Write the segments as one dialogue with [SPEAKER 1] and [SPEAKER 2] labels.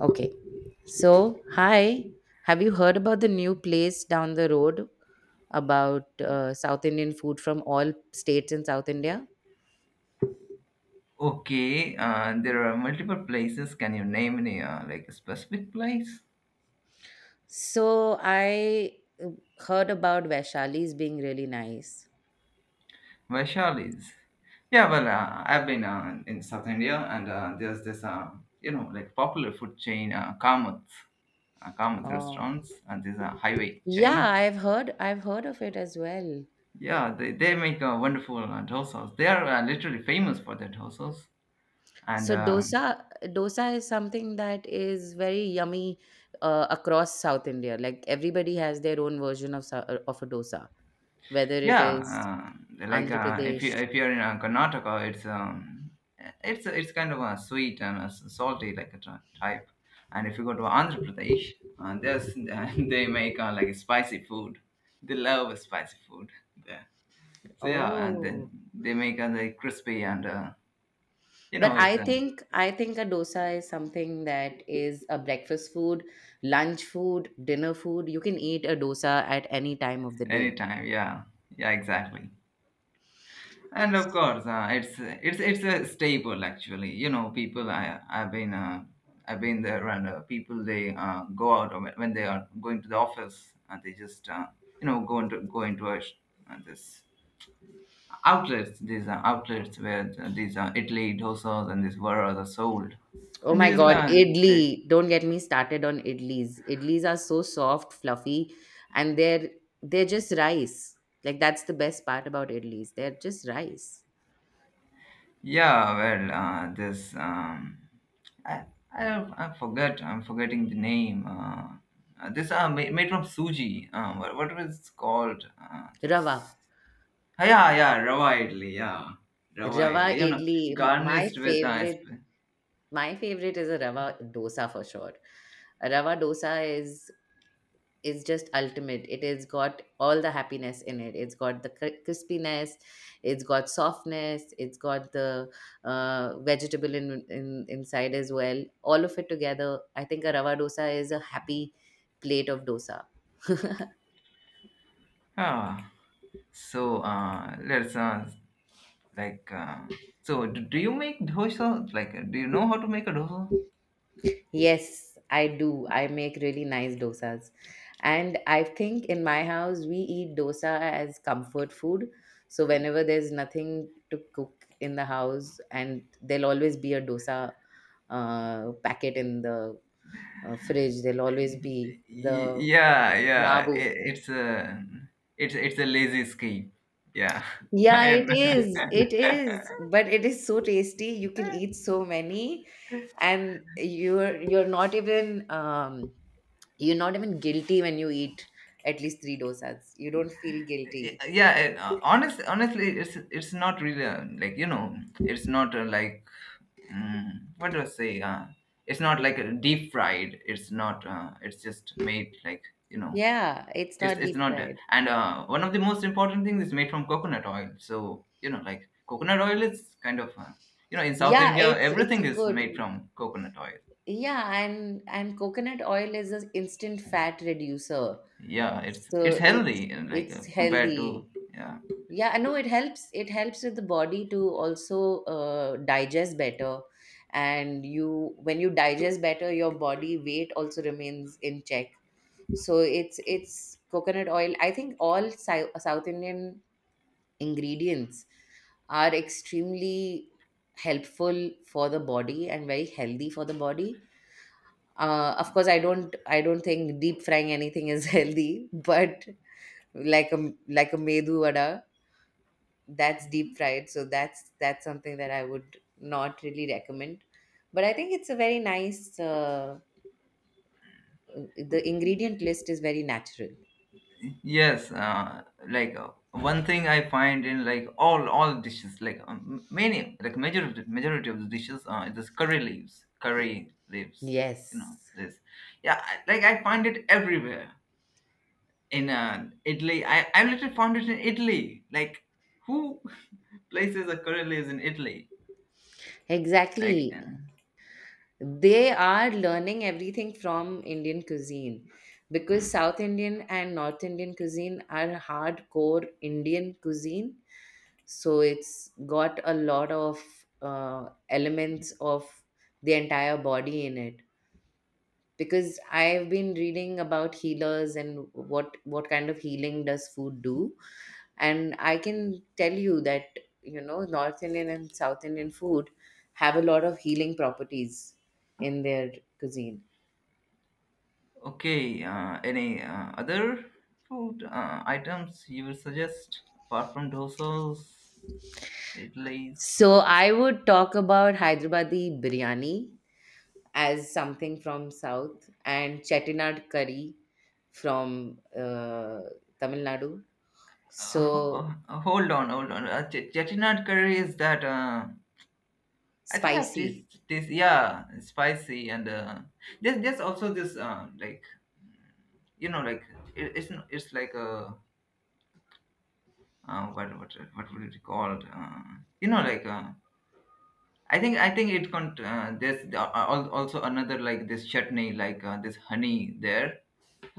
[SPEAKER 1] Okay. So, hi. Have you heard about the new place down the road about South Indian food from all states in South India?
[SPEAKER 2] Okay, there are multiple places. Can you name any like a specific place?
[SPEAKER 1] So, I uh, heard about Vaishali's being really nice.
[SPEAKER 2] Vaishali's. Yeah, well, I've been in South India, and there's this popular food chain, Kamath, Kamath
[SPEAKER 1] Oh.
[SPEAKER 2] restaurants, and there's a highway
[SPEAKER 1] Yeah,
[SPEAKER 2] chain.
[SPEAKER 1] I've heard of it as well.
[SPEAKER 2] Yeah, they make wonderful dosas. They are literally famous for their dosas, and
[SPEAKER 1] So dosa is something that is very yummy across South India. Like everybody has their own version of a dosa, whether it is
[SPEAKER 2] Yeah,
[SPEAKER 1] Andhra
[SPEAKER 2] if you
[SPEAKER 1] Pradesh.
[SPEAKER 2] if you're in Karnataka, it's kind of a sweet and a salty, like a type. And if you go to Andhra Pradesh, there's they make like spicy food. They love spicy food there. So yeah, and then
[SPEAKER 1] Oh,
[SPEAKER 2] they make like crispy and you
[SPEAKER 1] but
[SPEAKER 2] know
[SPEAKER 1] I
[SPEAKER 2] it's
[SPEAKER 1] think I think a dosa is something that is a breakfast food, lunch food, dinner food. You can eat a dosa at any time of the day.
[SPEAKER 2] anytime. Yeah, yeah, exactly. And of course, it's a staple actually. You know, people I've been I've been there, and people they go out when they are going to the office, and they just go into this outlets. These are outlets where these are Italy dosas and these varas are sold,
[SPEAKER 1] Oh
[SPEAKER 2] and
[SPEAKER 1] my
[SPEAKER 2] these
[SPEAKER 1] God,
[SPEAKER 2] they
[SPEAKER 1] idli. Don't get me started on idlis. Idlis are so soft, fluffy, and they're just rice. Like that's the best part about idlis. They're just rice.
[SPEAKER 2] Yeah, well, this I, I I forget. I'm forgetting the name. This made from suji. What was it called?
[SPEAKER 1] Rava.
[SPEAKER 2] This. Ah, yeah, yeah, rava idli. Yeah, rava
[SPEAKER 1] Rava
[SPEAKER 2] idli. You know,
[SPEAKER 1] idli. My
[SPEAKER 2] garnished with
[SPEAKER 1] favorite my favorite is a rava dosa for sure. A rava dosa is just ultimate. It has got all the happiness in it. It's got the crispiness, it's got softness, it's got the vegetable in inside as well. All of it together, I think a rava dosa is a happy plate of dosa.
[SPEAKER 2] ah. So let's like so. Do, do you make dosa? Like, do you know how to make a dosa?
[SPEAKER 1] Yes, I do. I make really nice dosas. And I think in my house, we eat dosa as comfort food. So whenever there's nothing to cook in the house, and there'll always be a dosa packet in the fridge, there'll always be the
[SPEAKER 2] Yeah, yeah,
[SPEAKER 1] navu.
[SPEAKER 2] it's a it's a lazy scheme, yeah.
[SPEAKER 1] Yeah, it
[SPEAKER 2] And
[SPEAKER 1] is. It is. But it is so tasty. You can eat so many, and you're not even guilty when you eat at least three dosas. You don't feel guilty.
[SPEAKER 2] yeah and, honest honestly, it's not really like you know it's not like mm, what do I say it's not like a deep fried it's not it's just made like, you know
[SPEAKER 1] Yeah, it's
[SPEAKER 2] it's
[SPEAKER 1] not deep
[SPEAKER 2] not there.
[SPEAKER 1] fried.
[SPEAKER 2] And one of the most important things is made from coconut oil. So you know, like coconut oil is kind of in South
[SPEAKER 1] Yeah,
[SPEAKER 2] India
[SPEAKER 1] it's a
[SPEAKER 2] everything is made
[SPEAKER 1] good.
[SPEAKER 2] from coconut oil.
[SPEAKER 1] Yeah, and coconut oil is an instant fat reducer.
[SPEAKER 2] Yeah, it's
[SPEAKER 1] So it's
[SPEAKER 2] healthy and, like
[SPEAKER 1] it's
[SPEAKER 2] compared
[SPEAKER 1] healthy.
[SPEAKER 2] to, yeah.
[SPEAKER 1] Yeah, I know it helps. It helps with the body to also digest better. And you when you digest better, your body weight also remains in check. So it's coconut oil. I think all South Indian ingredients are extremely helpful for the body and very healthy for the body. Of course I don't think deep frying anything is healthy, but like a medu vada, that's deep fried, so that's something that I would not really recommend. But I think it's a very nice the ingredient list is very natural.
[SPEAKER 2] Yes, one thing I find in like all dishes, like many, like majority of the dishes, this curry leaves, you
[SPEAKER 1] Yes,
[SPEAKER 2] know this. Yeah, like I find it everywhere in Italy. I literally found it in Italy. Like, who places a curry leaves in Italy? Like,
[SPEAKER 1] exactly. They are learning everything from Indian cuisine because South Indian and North Indian cuisine are hardcore Indian cuisine. So it's got a lot of elements of the entire body in it. Because I've been reading about healers and what kind of healing does food do, and I can tell you that, you know, North Indian and South Indian food have a lot of healing properties in their cuisine.
[SPEAKER 2] okay, any other food items you would suggest apart from dosas, Italy's?
[SPEAKER 1] So I would talk about Hyderabadi biryani as something from South and Chettinad curry from Tamil Nadu. So
[SPEAKER 2] Hold on, hold on. Chettinad curry, is that... I think I've
[SPEAKER 1] spicy.
[SPEAKER 2] tasted this. Yeah, spicy and there's also this you know like it's like a what would it be called? You know, like uh, I think it can. There's also another, like this chutney, like this honey there,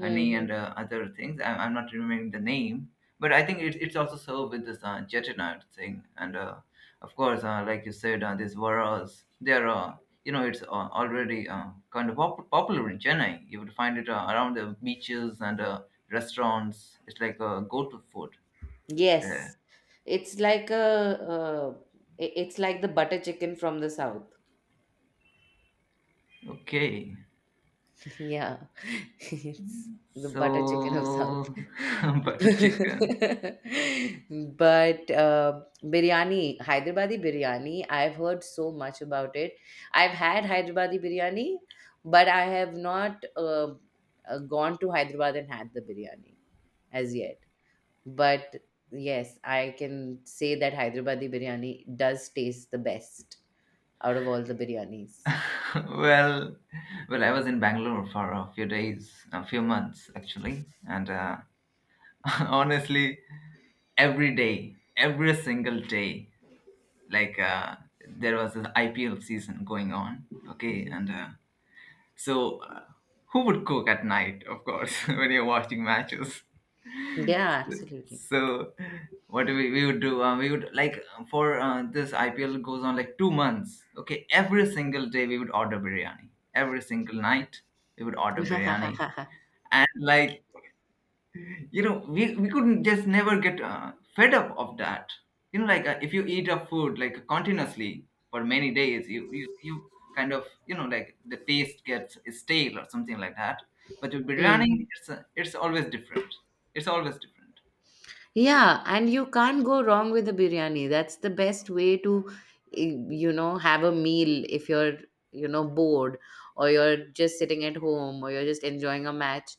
[SPEAKER 2] honey and other things. I'm not remembering the name, but I think it's also served with this chettinad thing, and of course, like you said, these varas. They're you know it's already kind of popular in Chennai. You would find it around the beaches and restaurants. It's like a go-to food
[SPEAKER 1] Yes,
[SPEAKER 2] there.
[SPEAKER 1] it's like a uh, it's like the butter chicken from the South.
[SPEAKER 2] Okay.
[SPEAKER 1] Yeah, it's the butter chicken of South.
[SPEAKER 2] So, butter chicken.
[SPEAKER 1] But biryani, Hyderabadi biryani, I've heard so much about it. I've had Hyderabadi biryani, but I have not gone to Hyderabad and had the biryani as yet. But yes, I can say that Hyderabadi biryani does taste the best out of all the biryanis.
[SPEAKER 2] Well, well, I was in Bangalore for a few days, a few months actually, and honestly, every day, every single day, like there was an IPL season going on. Okay,
[SPEAKER 1] Mhm.
[SPEAKER 2] and So, uh, who would cook at night, of course, when you're watching matches?
[SPEAKER 1] Yeah, absolutely.
[SPEAKER 2] So, what we would do? We would like for this IPL goes on like 2 months. Okay, every single day we would order biryani. Every single night we would order biryani, and like, you know, we couldn't just never get fed up of that. You know, like if you eat a food like continuously for many days, you kind of, you know, like the taste gets stale or something like that, but with
[SPEAKER 1] Mm.
[SPEAKER 2] biryani it's always different, it's always different.
[SPEAKER 1] Yeah, and you can't go wrong with a biryani. That's the best way to, eh, you know, have a meal if you're, you know, bored or you're just sitting at home or you're just enjoying a match.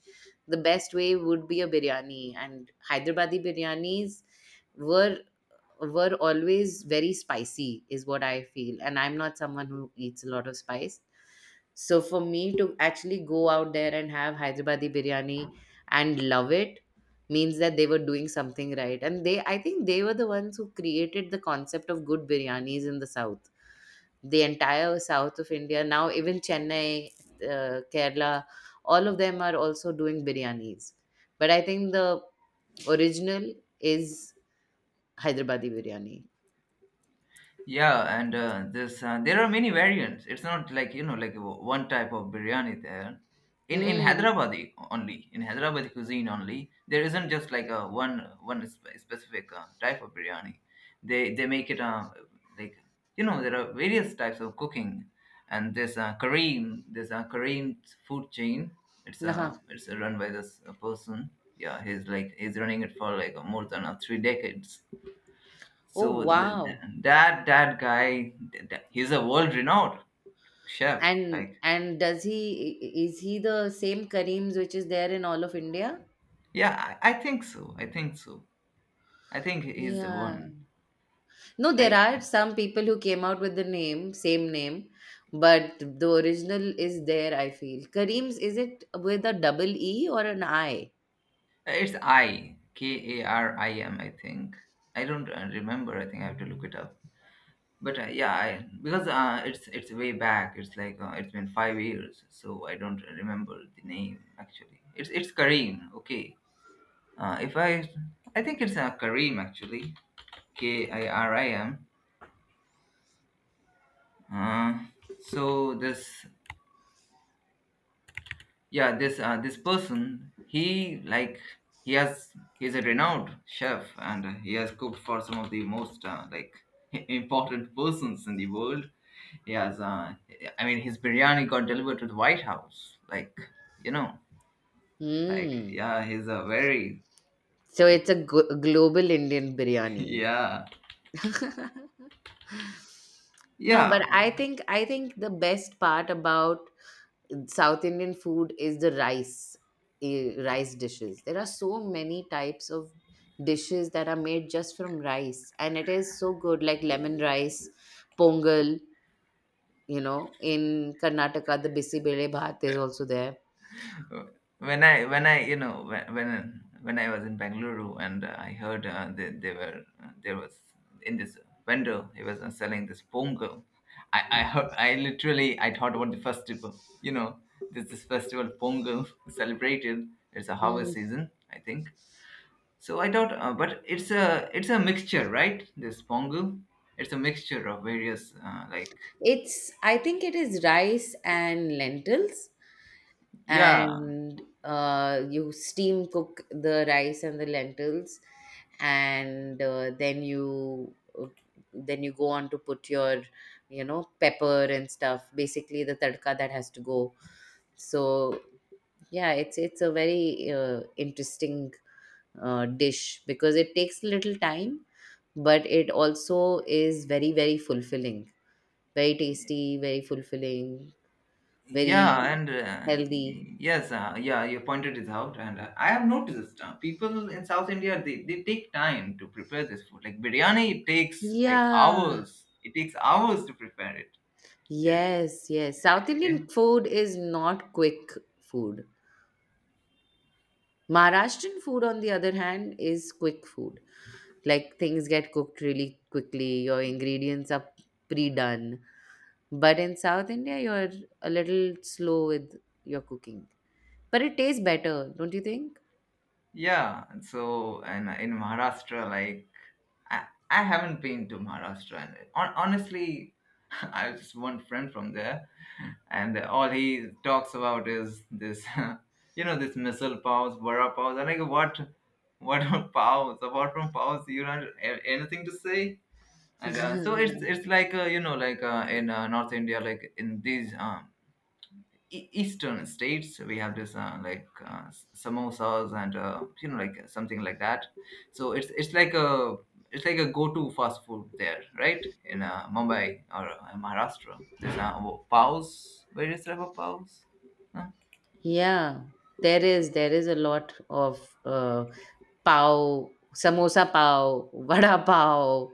[SPEAKER 1] The best way would be a biryani, and Hyderabadi biryanis were were always very spicy is what I feel. And I'm not someone who eats a lot of spice, so for me to actually go out there and have Hyderabadi biryani and love it means that they were doing something right. And they I think they were the ones who created the concept of good biryanis in the south, the entire south of India. Now even Chennai, Kerala, all of them are also doing biryanis, but I think the original is Hyderabadi biryani.
[SPEAKER 2] Yeah, and this there are many variants. It's not like, you know, like one type of biryani there. In
[SPEAKER 1] Hmm.
[SPEAKER 2] Hyderabadi, only in Hyderabadi cuisine only, there isn't just like a one specific type of biryani. They make it like there are various types of cooking, and there's a Kareem, there's a Kareem food chain. It's
[SPEAKER 1] Uh-huh.
[SPEAKER 2] run by this person. Yeah, he's like he's running it for like more than three decades,
[SPEAKER 1] Oh
[SPEAKER 2] so
[SPEAKER 1] wow.
[SPEAKER 2] that guy, he's a world renowned chef,
[SPEAKER 1] And
[SPEAKER 2] like,
[SPEAKER 1] and does he is he the same Kareems which is there in all of India?
[SPEAKER 2] yeah. I think so, I think so, I think he's the
[SPEAKER 1] Yeah.
[SPEAKER 2] one,
[SPEAKER 1] No, there
[SPEAKER 2] like,
[SPEAKER 1] are some people who came out with the name, same name, but the original is there, I feel. Kareems, is it with a double E or an I?
[SPEAKER 2] it's I K A R I M, I think. I don't remember, I think I have to look it up, but yeah, because it's way back, it's like it's been 5 years, so I don't remember the name actually. It's Kareem. Okay, if I I think it's Kareem actually, K I R I M. uh, so this yeah, this this person, he like, he has, he's a renowned chef, and he has cooked for some of the most like important persons in the world. He has I mean, his biryani got delivered to the White House, like, you know, like,
[SPEAKER 1] Hmm.
[SPEAKER 2] yeah, he's a very,
[SPEAKER 1] So
[SPEAKER 2] like,
[SPEAKER 1] it's a global Indian biryani.
[SPEAKER 2] yeah,
[SPEAKER 1] No, but
[SPEAKER 2] yeah.
[SPEAKER 1] I think the best part about South Indian food is the rice, eh, rice dishes. There are so many types of dishes that are made just from rice, and it is so good, like lemon rice, pongal. You know, in Karnataka, the bisibele bhat is also there.
[SPEAKER 2] When I, when I, you know, when when I was in Bangalore and I heard they were there was in this vendor, he was selling this pongal. I heard, I literally, I thought about the festival. You know, this festival pongal celebrated. It's a harvest
[SPEAKER 1] Mm.
[SPEAKER 2] season I think. So I thought, but it's a mixture, right? This pongal, it's a mixture of various like,
[SPEAKER 1] It's I think it is rice and lentils,
[SPEAKER 2] yeah.
[SPEAKER 1] and you steam cook the rice and the lentils, and then you, then you go on to put your, pepper and stuff, basically the tadka that has to go. So yeah, it's a very interesting dish because it takes little time, but it also is very very fulfilling. Very tasty, very fulfilling,
[SPEAKER 2] Yeah,
[SPEAKER 1] very
[SPEAKER 2] and
[SPEAKER 1] healthy.
[SPEAKER 2] yes, yeah, you pointed it out, and I have noticed people in South India, they take time to prepare this food. Like biryani, it takes like
[SPEAKER 1] Yeah.
[SPEAKER 2] hours. It takes hours to prepare it.
[SPEAKER 1] Yes, yes. South Indian food is not quick food. Maharashtrian food, on the other hand, is quick food. Like things get cooked really quickly, your ingredients are pre done. But in South India, you're a little slow with your cooking. But it tastes better, don't you think?
[SPEAKER 2] Yeah, and so, and in Maharashtra, like, I, I haven't been to Maharashtra, and honestly, I have just one friend from there, and all he talks about is this, you know, this missile powers, vada powers. I'm like, what are powers? Apart from powers, you don't have anything to say. And so it's like in North India, like in these eastern states, we have this samosas and you know like something like that. So it's like a, it's like a go-to fast food there, right? In Mumbai or Maharashtra, there's paos. Where is there a paos? Huh?
[SPEAKER 1] Yeah, there is a lot of uh, pav, samosa pav, vada pav,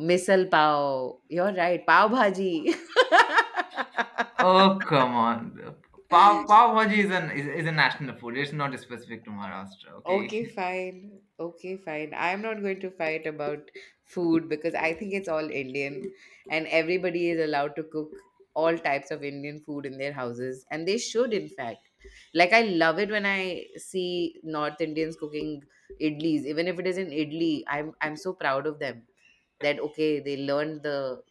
[SPEAKER 1] misal pav. You're right, pav bhaji.
[SPEAKER 2] Oh come on, pav, pav bhaji is, is a national food, it's not specific to Maharashtra, okay?
[SPEAKER 1] Okay, fine. Okay, fine. I'm not going to fight about food because I think it's all Indian and everybody is allowed to cook all types of Indian food in their houses and they should, in fact. Like, I love it when I see North Indians cooking idlis, even if it is an idli, I'm so proud of them that okay, they learned the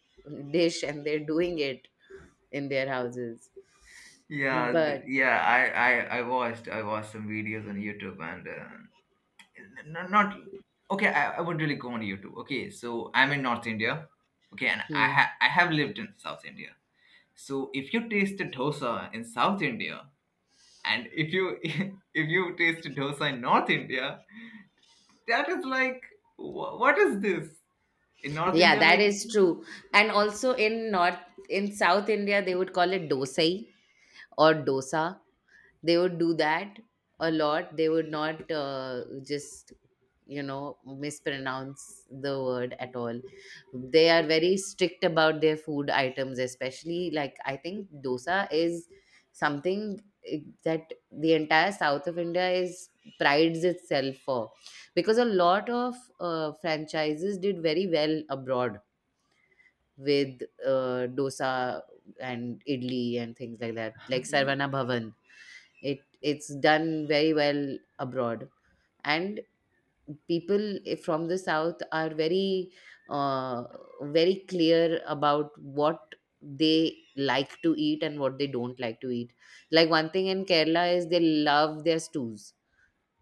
[SPEAKER 1] dish and they're doing it in their houses.
[SPEAKER 2] Yeah,
[SPEAKER 1] But,
[SPEAKER 2] yeah, I I watched some videos on YouTube, and not, okay, I would really go on, you too. Okay, so I'm in North India, okay, and I
[SPEAKER 1] hmm.
[SPEAKER 2] I have lived in South India. So if you taste a dosa in South India, and if you if you taste a dosa in North India, that is like, what is this in North
[SPEAKER 1] Yeah,
[SPEAKER 2] India,
[SPEAKER 1] that
[SPEAKER 2] like,
[SPEAKER 1] is true. And also in South India, they would call it dosai or dosa. They would do that a lot. They would not just, mispronounce the word at all. They are very strict about their food items, especially like I think dosa is something eh, that the entire South of India is prides itself for, because a lot of franchises did very well abroad with dosa and idli and things like that, like
[SPEAKER 2] y-
[SPEAKER 1] Sarvana Bhavan. It's done very well abroad, and people from the south are uh, very clear about what they like to eat and what they don't like to eat. Like one thing in Kerala is they love their stews.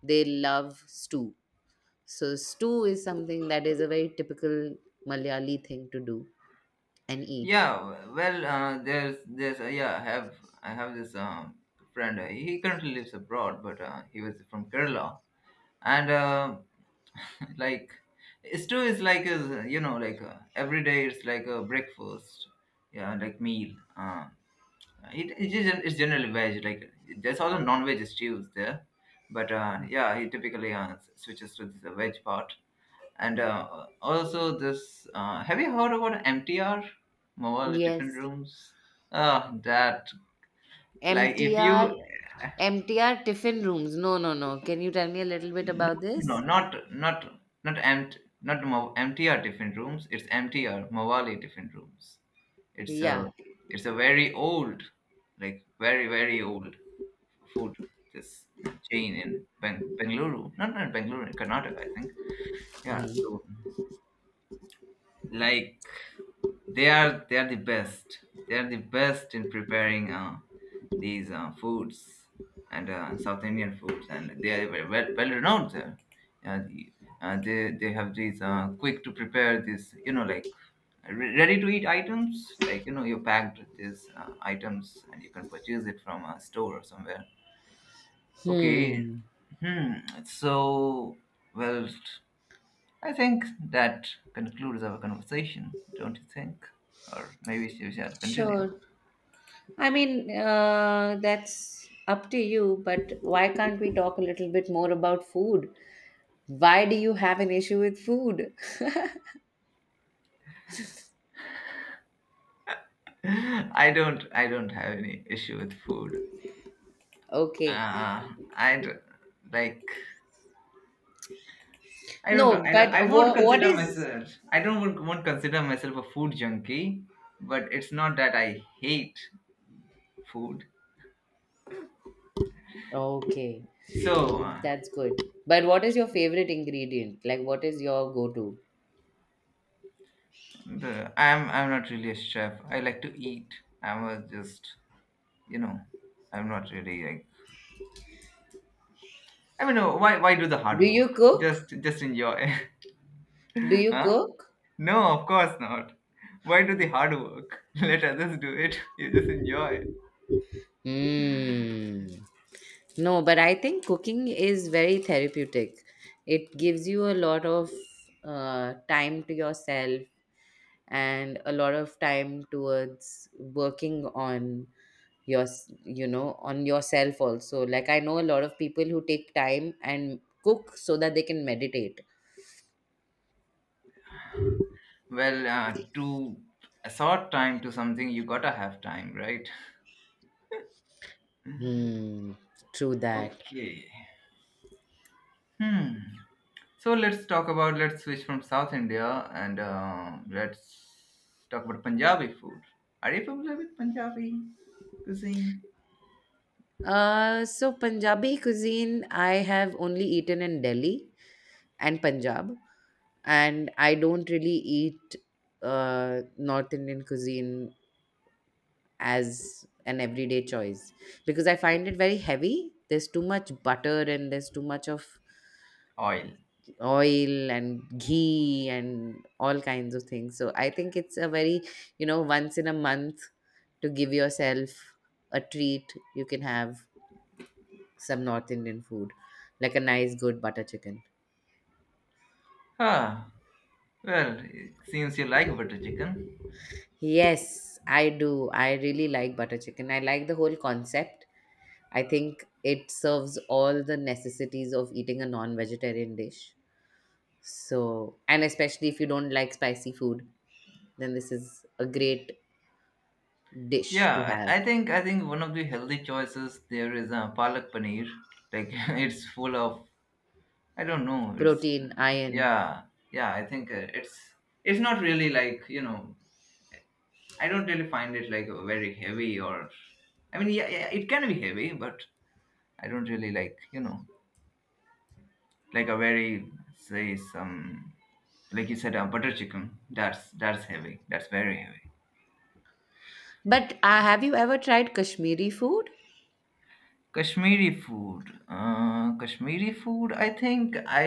[SPEAKER 1] They love stew. So stew is something that is a very typical Malayali thing to do and eat.
[SPEAKER 2] yeah. Well there's yeah, I have, I have this friend, he currently lives abroad, but he was from Kerala, and like, stew is like a, you know, like every day it's like a breakfast, yeah, like, meal. It is, it's generally veg. Like, there's also non-veg stews there, but yeah, he typically switches to the veg part. And also this have you heard about MTR, mobile different
[SPEAKER 1] Yes.
[SPEAKER 2] rooms? That Like, if you
[SPEAKER 1] MTR MTR tiffin rooms. No, no, no. Can you tell me a little bit
[SPEAKER 2] no,
[SPEAKER 1] about
[SPEAKER 2] no,
[SPEAKER 1] this?
[SPEAKER 2] not empty, not mo- empty are different rooms. It's empty are Mawali different rooms. It's a,
[SPEAKER 1] Yeah.
[SPEAKER 2] it's a very old, like very very old food, this chain in Bengaluru, not Bengaluru, in Karnataka, I think. Yeah,
[SPEAKER 1] Hmm.
[SPEAKER 2] so like they are the best in preparing these foods and south indian foods, and they are very well renowned there. uh, the- they have these quick to prepare this ready to eat items, like you packed these items, and you can purchase it from a store or somewhere. Okay.
[SPEAKER 1] Hmm.
[SPEAKER 2] Hmm. So, well, I think that concludes our conversation, don't you think? Or maybe we shall continue.
[SPEAKER 1] Sure. I mean, that's up to you, but why can't we talk a little bit more about food? Why do you have an issue with food?
[SPEAKER 2] I don't. I don't have any issue with food.
[SPEAKER 1] Okay.
[SPEAKER 2] Uh, I d- like. I don't.
[SPEAKER 1] No,
[SPEAKER 2] I
[SPEAKER 1] but
[SPEAKER 2] don't. I
[SPEAKER 1] wha
[SPEAKER 2] won't
[SPEAKER 1] what
[SPEAKER 2] consider
[SPEAKER 1] is?
[SPEAKER 2] myself. I don't won't consider myself a food junkie. But it's not that I hate food.
[SPEAKER 1] Okay.
[SPEAKER 2] So
[SPEAKER 1] That's good. But what is your favorite ingredient? Like, what is your go to?
[SPEAKER 2] the I'm not really a chef. I like to eat. I'm a just. You know. I'm not really I mean, no, why do the
[SPEAKER 1] Do
[SPEAKER 2] hard
[SPEAKER 1] you
[SPEAKER 2] work?
[SPEAKER 1] cook?
[SPEAKER 2] Just enjoy.
[SPEAKER 1] Do you
[SPEAKER 2] Huh?
[SPEAKER 1] cook?
[SPEAKER 2] No, of course not. Why do the hard work? Let others do it. You just enjoy.
[SPEAKER 1] Mm. No, but I think cooking is very therapeutic. It gives you a lot of time to yourself and a lot of time towards working your on yourself also. Like, I know a lot of people who take time and cook so that they can meditate.
[SPEAKER 2] Well, to assort time to something, you gotta have time, right?
[SPEAKER 1] Hmm. True that.
[SPEAKER 2] Okay. Hmm. So let's talk about. Let's switch from South India, and let's talk about Punjabi food. Are you familiar with Punjabi cuisine?
[SPEAKER 1] So Punjabi cuisine I have only eaten in Delhi and Punjab, and I don't really eat North Indian cuisine as an everyday choice because I find it very heavy. There's too much butter and there's too much of
[SPEAKER 2] Oil.
[SPEAKER 1] oil and ghee and all kinds of things. So I think it's a very, once in a month to give yourself a treat, you can have some North Indian food, like a nice, good butter chicken.
[SPEAKER 2] Ah. Well, it seems you like butter chicken.
[SPEAKER 1] Yes, I do. I really like butter chicken. I like the whole concept. I think it serves all the necessities of eating a non vegetarian dish. So, and especially if you don't like spicy food, then this is a great dish to
[SPEAKER 2] Yeah,
[SPEAKER 1] have.
[SPEAKER 2] I think one of the healthy choices there is a palak paneer. Like it's full of I don't know. It's
[SPEAKER 1] Protein, iron.
[SPEAKER 2] yeah, yeah. I think it's not really like you know. I don't really find it like very heavy or I mean yeah, yeah, it can be heavy, but I don't really like you know like a very say some like you said a butter chicken. That's heavy. That's very heavy.
[SPEAKER 1] But have you ever tried Kashmiri food?
[SPEAKER 2] Kashmiri food. Kashmiri food. I think I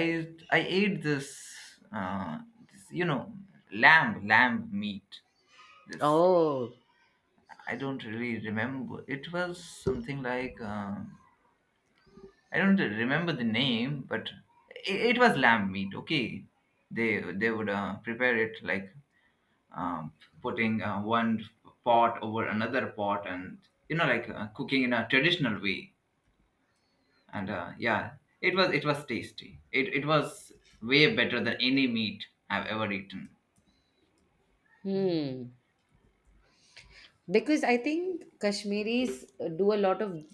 [SPEAKER 2] I ate this, uh, this. You know, lamb meat. This
[SPEAKER 1] Oh,
[SPEAKER 2] I don't really remember. It was something like I don't remember the name, but it was lamb meat. Okay, they would prepare it like um, putting one pot over another pot, and you know, like cooking in a traditional way, and yeah, it was tasty it was way better than any meat I've ever eaten.
[SPEAKER 1] hmm. Because I think Kashmiris do a lot of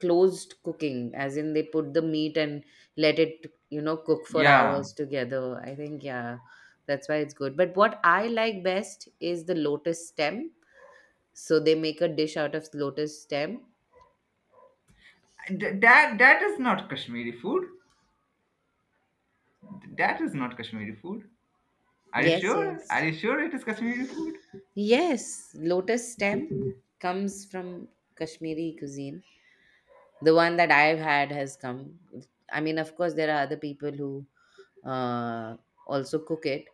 [SPEAKER 1] closed cooking, as in they put the meat and let it, cook for
[SPEAKER 2] Yeah.
[SPEAKER 1] hours together. I think, yeah, that's why it's good. But what I like best is the lotus stem. So they make a dish out of lotus stem.
[SPEAKER 2] That is not kashmiri food. That is not kashmiri food. Are you
[SPEAKER 1] Yes,
[SPEAKER 2] sure?
[SPEAKER 1] yes.
[SPEAKER 2] It is kashmiri food?
[SPEAKER 1] Yes, lotus stem comes from Kashmiri cuisine. The one that I've had has come. I mean, of course, there are other people who uh, also cook it,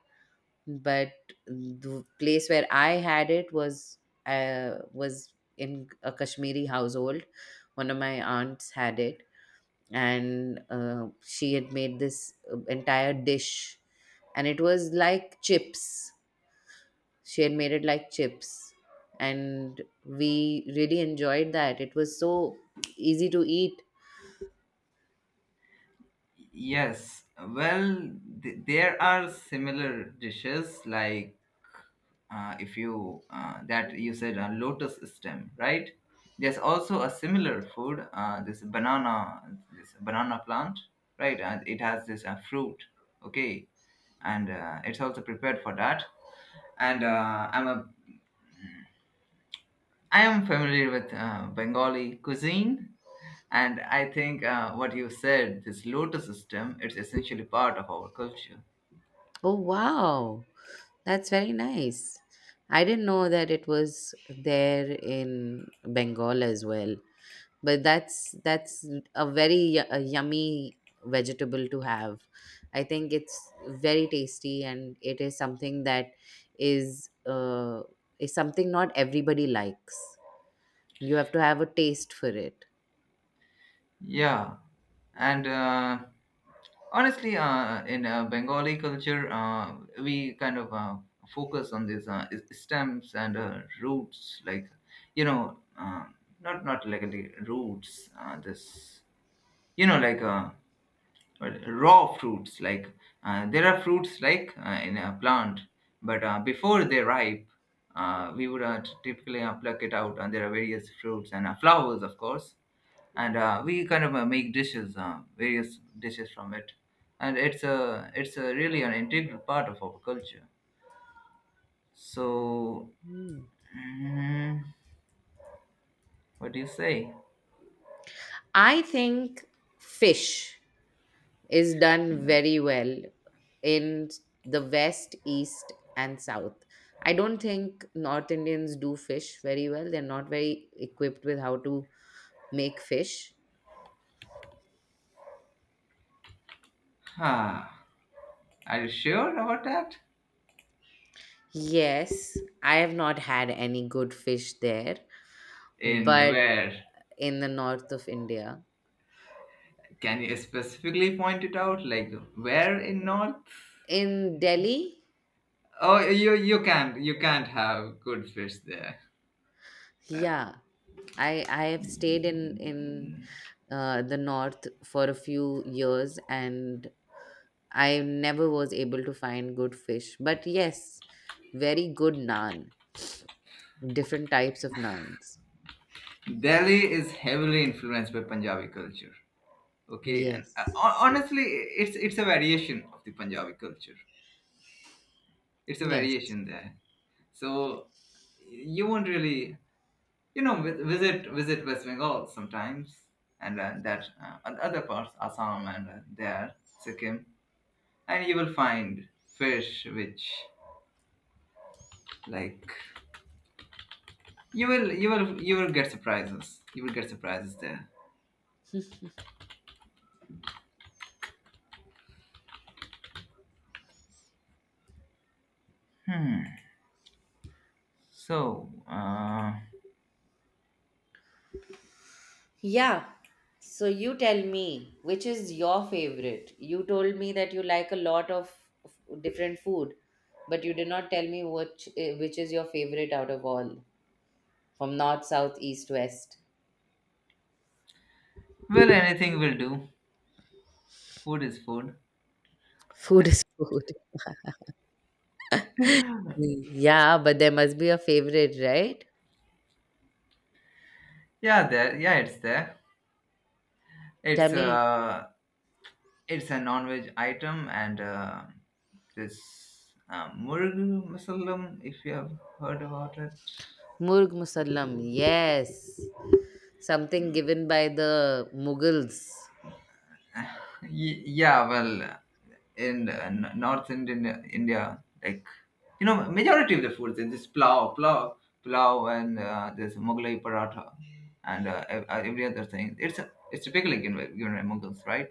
[SPEAKER 1] but the place where I had it was in a Kashmiri household. One of my aunts had it, and she had made this entire dish, and it was like chips. She had made it like chips, and we really enjoyed that. It was so easy to eat.
[SPEAKER 2] Yes, well, there are similar dishes like if you that you said a lotus stem, right? There's also a similar food, this banana plant, right? And it has this fruit, okay, and it's also prepared for that. And I am familiar with Bengali cuisine, and I think what you said, this lotus system, it's essentially part of our culture.
[SPEAKER 1] Oh wow, that's very nice. I didn't know that it was there in Bengal as well. But that's a very a yummy vegetable to have. I think it's very tasty, and it is something that is uh, is something not everybody likes. You have to have a taste for it.
[SPEAKER 2] Yeah, and honestly, in Bengali culture, we kind of focus on these stems and roots, like you know, not like really roots. This, you know, like. Raw fruits like there are fruits like in a plant, but before they ripe, we would typically pluck it out, and there are various fruits and flowers of course, and we kind of make dishes, various dishes from it, and it's a really an integral part of our culture. So
[SPEAKER 1] Mm.
[SPEAKER 2] mm, what do you say?
[SPEAKER 1] I think fish is done very well in the west, east, and south. I don't think North Indians do fish very well. They're not very equipped with how to make fish.
[SPEAKER 2] Ah, are you sure about that?
[SPEAKER 1] Yes, I have not had any good fish there,
[SPEAKER 2] In
[SPEAKER 1] but
[SPEAKER 2] where?
[SPEAKER 1] in the north of India,
[SPEAKER 2] Can you specifically point it out? Like where in North?
[SPEAKER 1] in Delhi,
[SPEAKER 2] Oh, you can't have good fish there.
[SPEAKER 1] yeah, I have stayed in the north for a few years, and I never was able to find good fish. But yes, very good naan, different types of naans.
[SPEAKER 2] Delhi is heavily influenced by Punjabi culture. Okay, and
[SPEAKER 1] Yes,
[SPEAKER 2] honestly, it's a variation of the Punjabi culture. It's a
[SPEAKER 1] yes.
[SPEAKER 2] variation there. So you won't really, you know, visit West Bengal sometimes, and that and other parts, Assam, and Sikkim, and you will find fish which like you will get surprises. You will get surprises there. Hmm. So,
[SPEAKER 1] Yeah. So you tell me, which is your favorite? You told me that you like a lot of different food, but you did not tell me which is your favorite out of all, from north, south, east, west.
[SPEAKER 2] well, anything will do. Food is food.
[SPEAKER 1] Food is food. Yeah, but there must be a favorite, right?
[SPEAKER 2] Yeah, there. Yeah, it's there.
[SPEAKER 1] Tell
[SPEAKER 2] It's
[SPEAKER 1] me,
[SPEAKER 2] uh, it's a non-veg item, and this murg musallam, if you have heard about it.
[SPEAKER 1] Murg Musallam. Yes. Something given by the Mughals.
[SPEAKER 2] Yeah, well, in North Indian India, like you know, majority of the foods is this plow, and this Mughlai paratha, and every other thing. It's typically given by Mughals, right?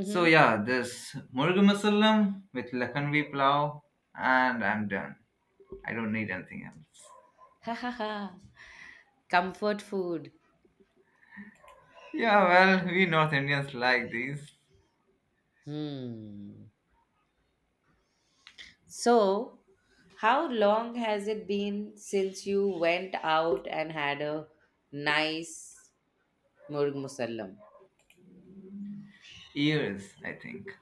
[SPEAKER 2] So yeah, this Murugu Masalam with Lakhanvi plow, and I'm done. I don't need anything else.
[SPEAKER 1] Ha ha ha. Comfort food.
[SPEAKER 2] Yeah, well, we North Indians like these
[SPEAKER 1] Hmm. So, how long has it been since you went out and had a nice murg musallam?
[SPEAKER 2] ears, I think,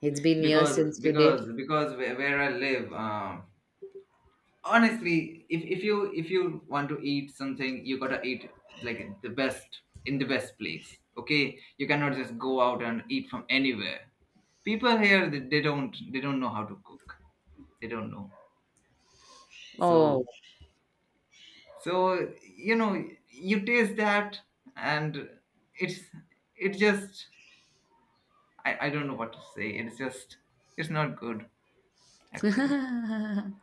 [SPEAKER 1] It's been years
[SPEAKER 2] because
[SPEAKER 1] since you did.
[SPEAKER 2] because because where I live, honestly, if, you if you want to eat something, you gotta eat like the best in the best place. Okay, you cannot just go out and eat from anywhere. People here, they don't know how to cook. They don't know. So
[SPEAKER 1] Oh.
[SPEAKER 2] so you know you taste that, and it's it just I don't know what to say, it's just it's not good actually.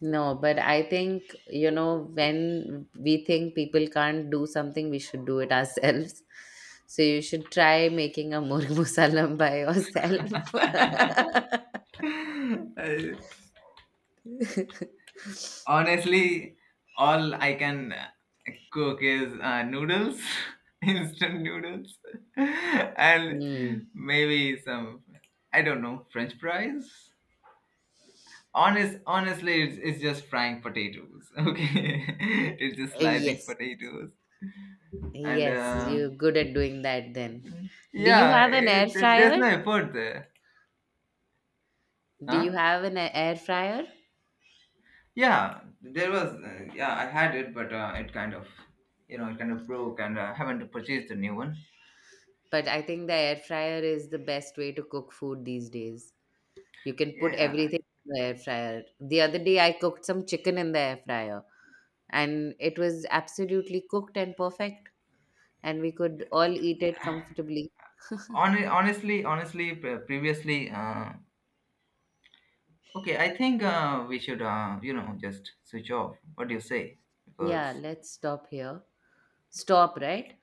[SPEAKER 1] No, but I think, when we think people can't do something, we should do it ourselves. So you should try making a murg musallam by yourself.
[SPEAKER 2] I, Honestly, all I can cook is noodles, instant noodles, and
[SPEAKER 1] Hmm.
[SPEAKER 2] maybe some, I don't know, French fries. Honestly, it's just frying potatoes. Okay, it's just slicing
[SPEAKER 1] Yes.
[SPEAKER 2] potatoes, and
[SPEAKER 1] Yes, you're good at doing that then. Do you
[SPEAKER 2] yeah,
[SPEAKER 1] have an air
[SPEAKER 2] there's
[SPEAKER 1] fryer?
[SPEAKER 2] no effort there,
[SPEAKER 1] Do you
[SPEAKER 2] huh?
[SPEAKER 1] have an air fryer?
[SPEAKER 2] Yeah, there was. Yeah, I had it, but it kind of, you know, it kind of broke, and I haven't purchased a new one.
[SPEAKER 1] But I think the air fryer is the best way to cook food these days. You can put
[SPEAKER 2] Yeah,
[SPEAKER 1] everything in the air fryer. The other day I cooked some chicken in the air fryer and it was absolutely cooked and perfect and we could all eat it comfortably.
[SPEAKER 2] Honestly, previously, okay, I think we should, you know, just switch off. What do you say? Because
[SPEAKER 1] Yeah, let's stop here. Stop, right?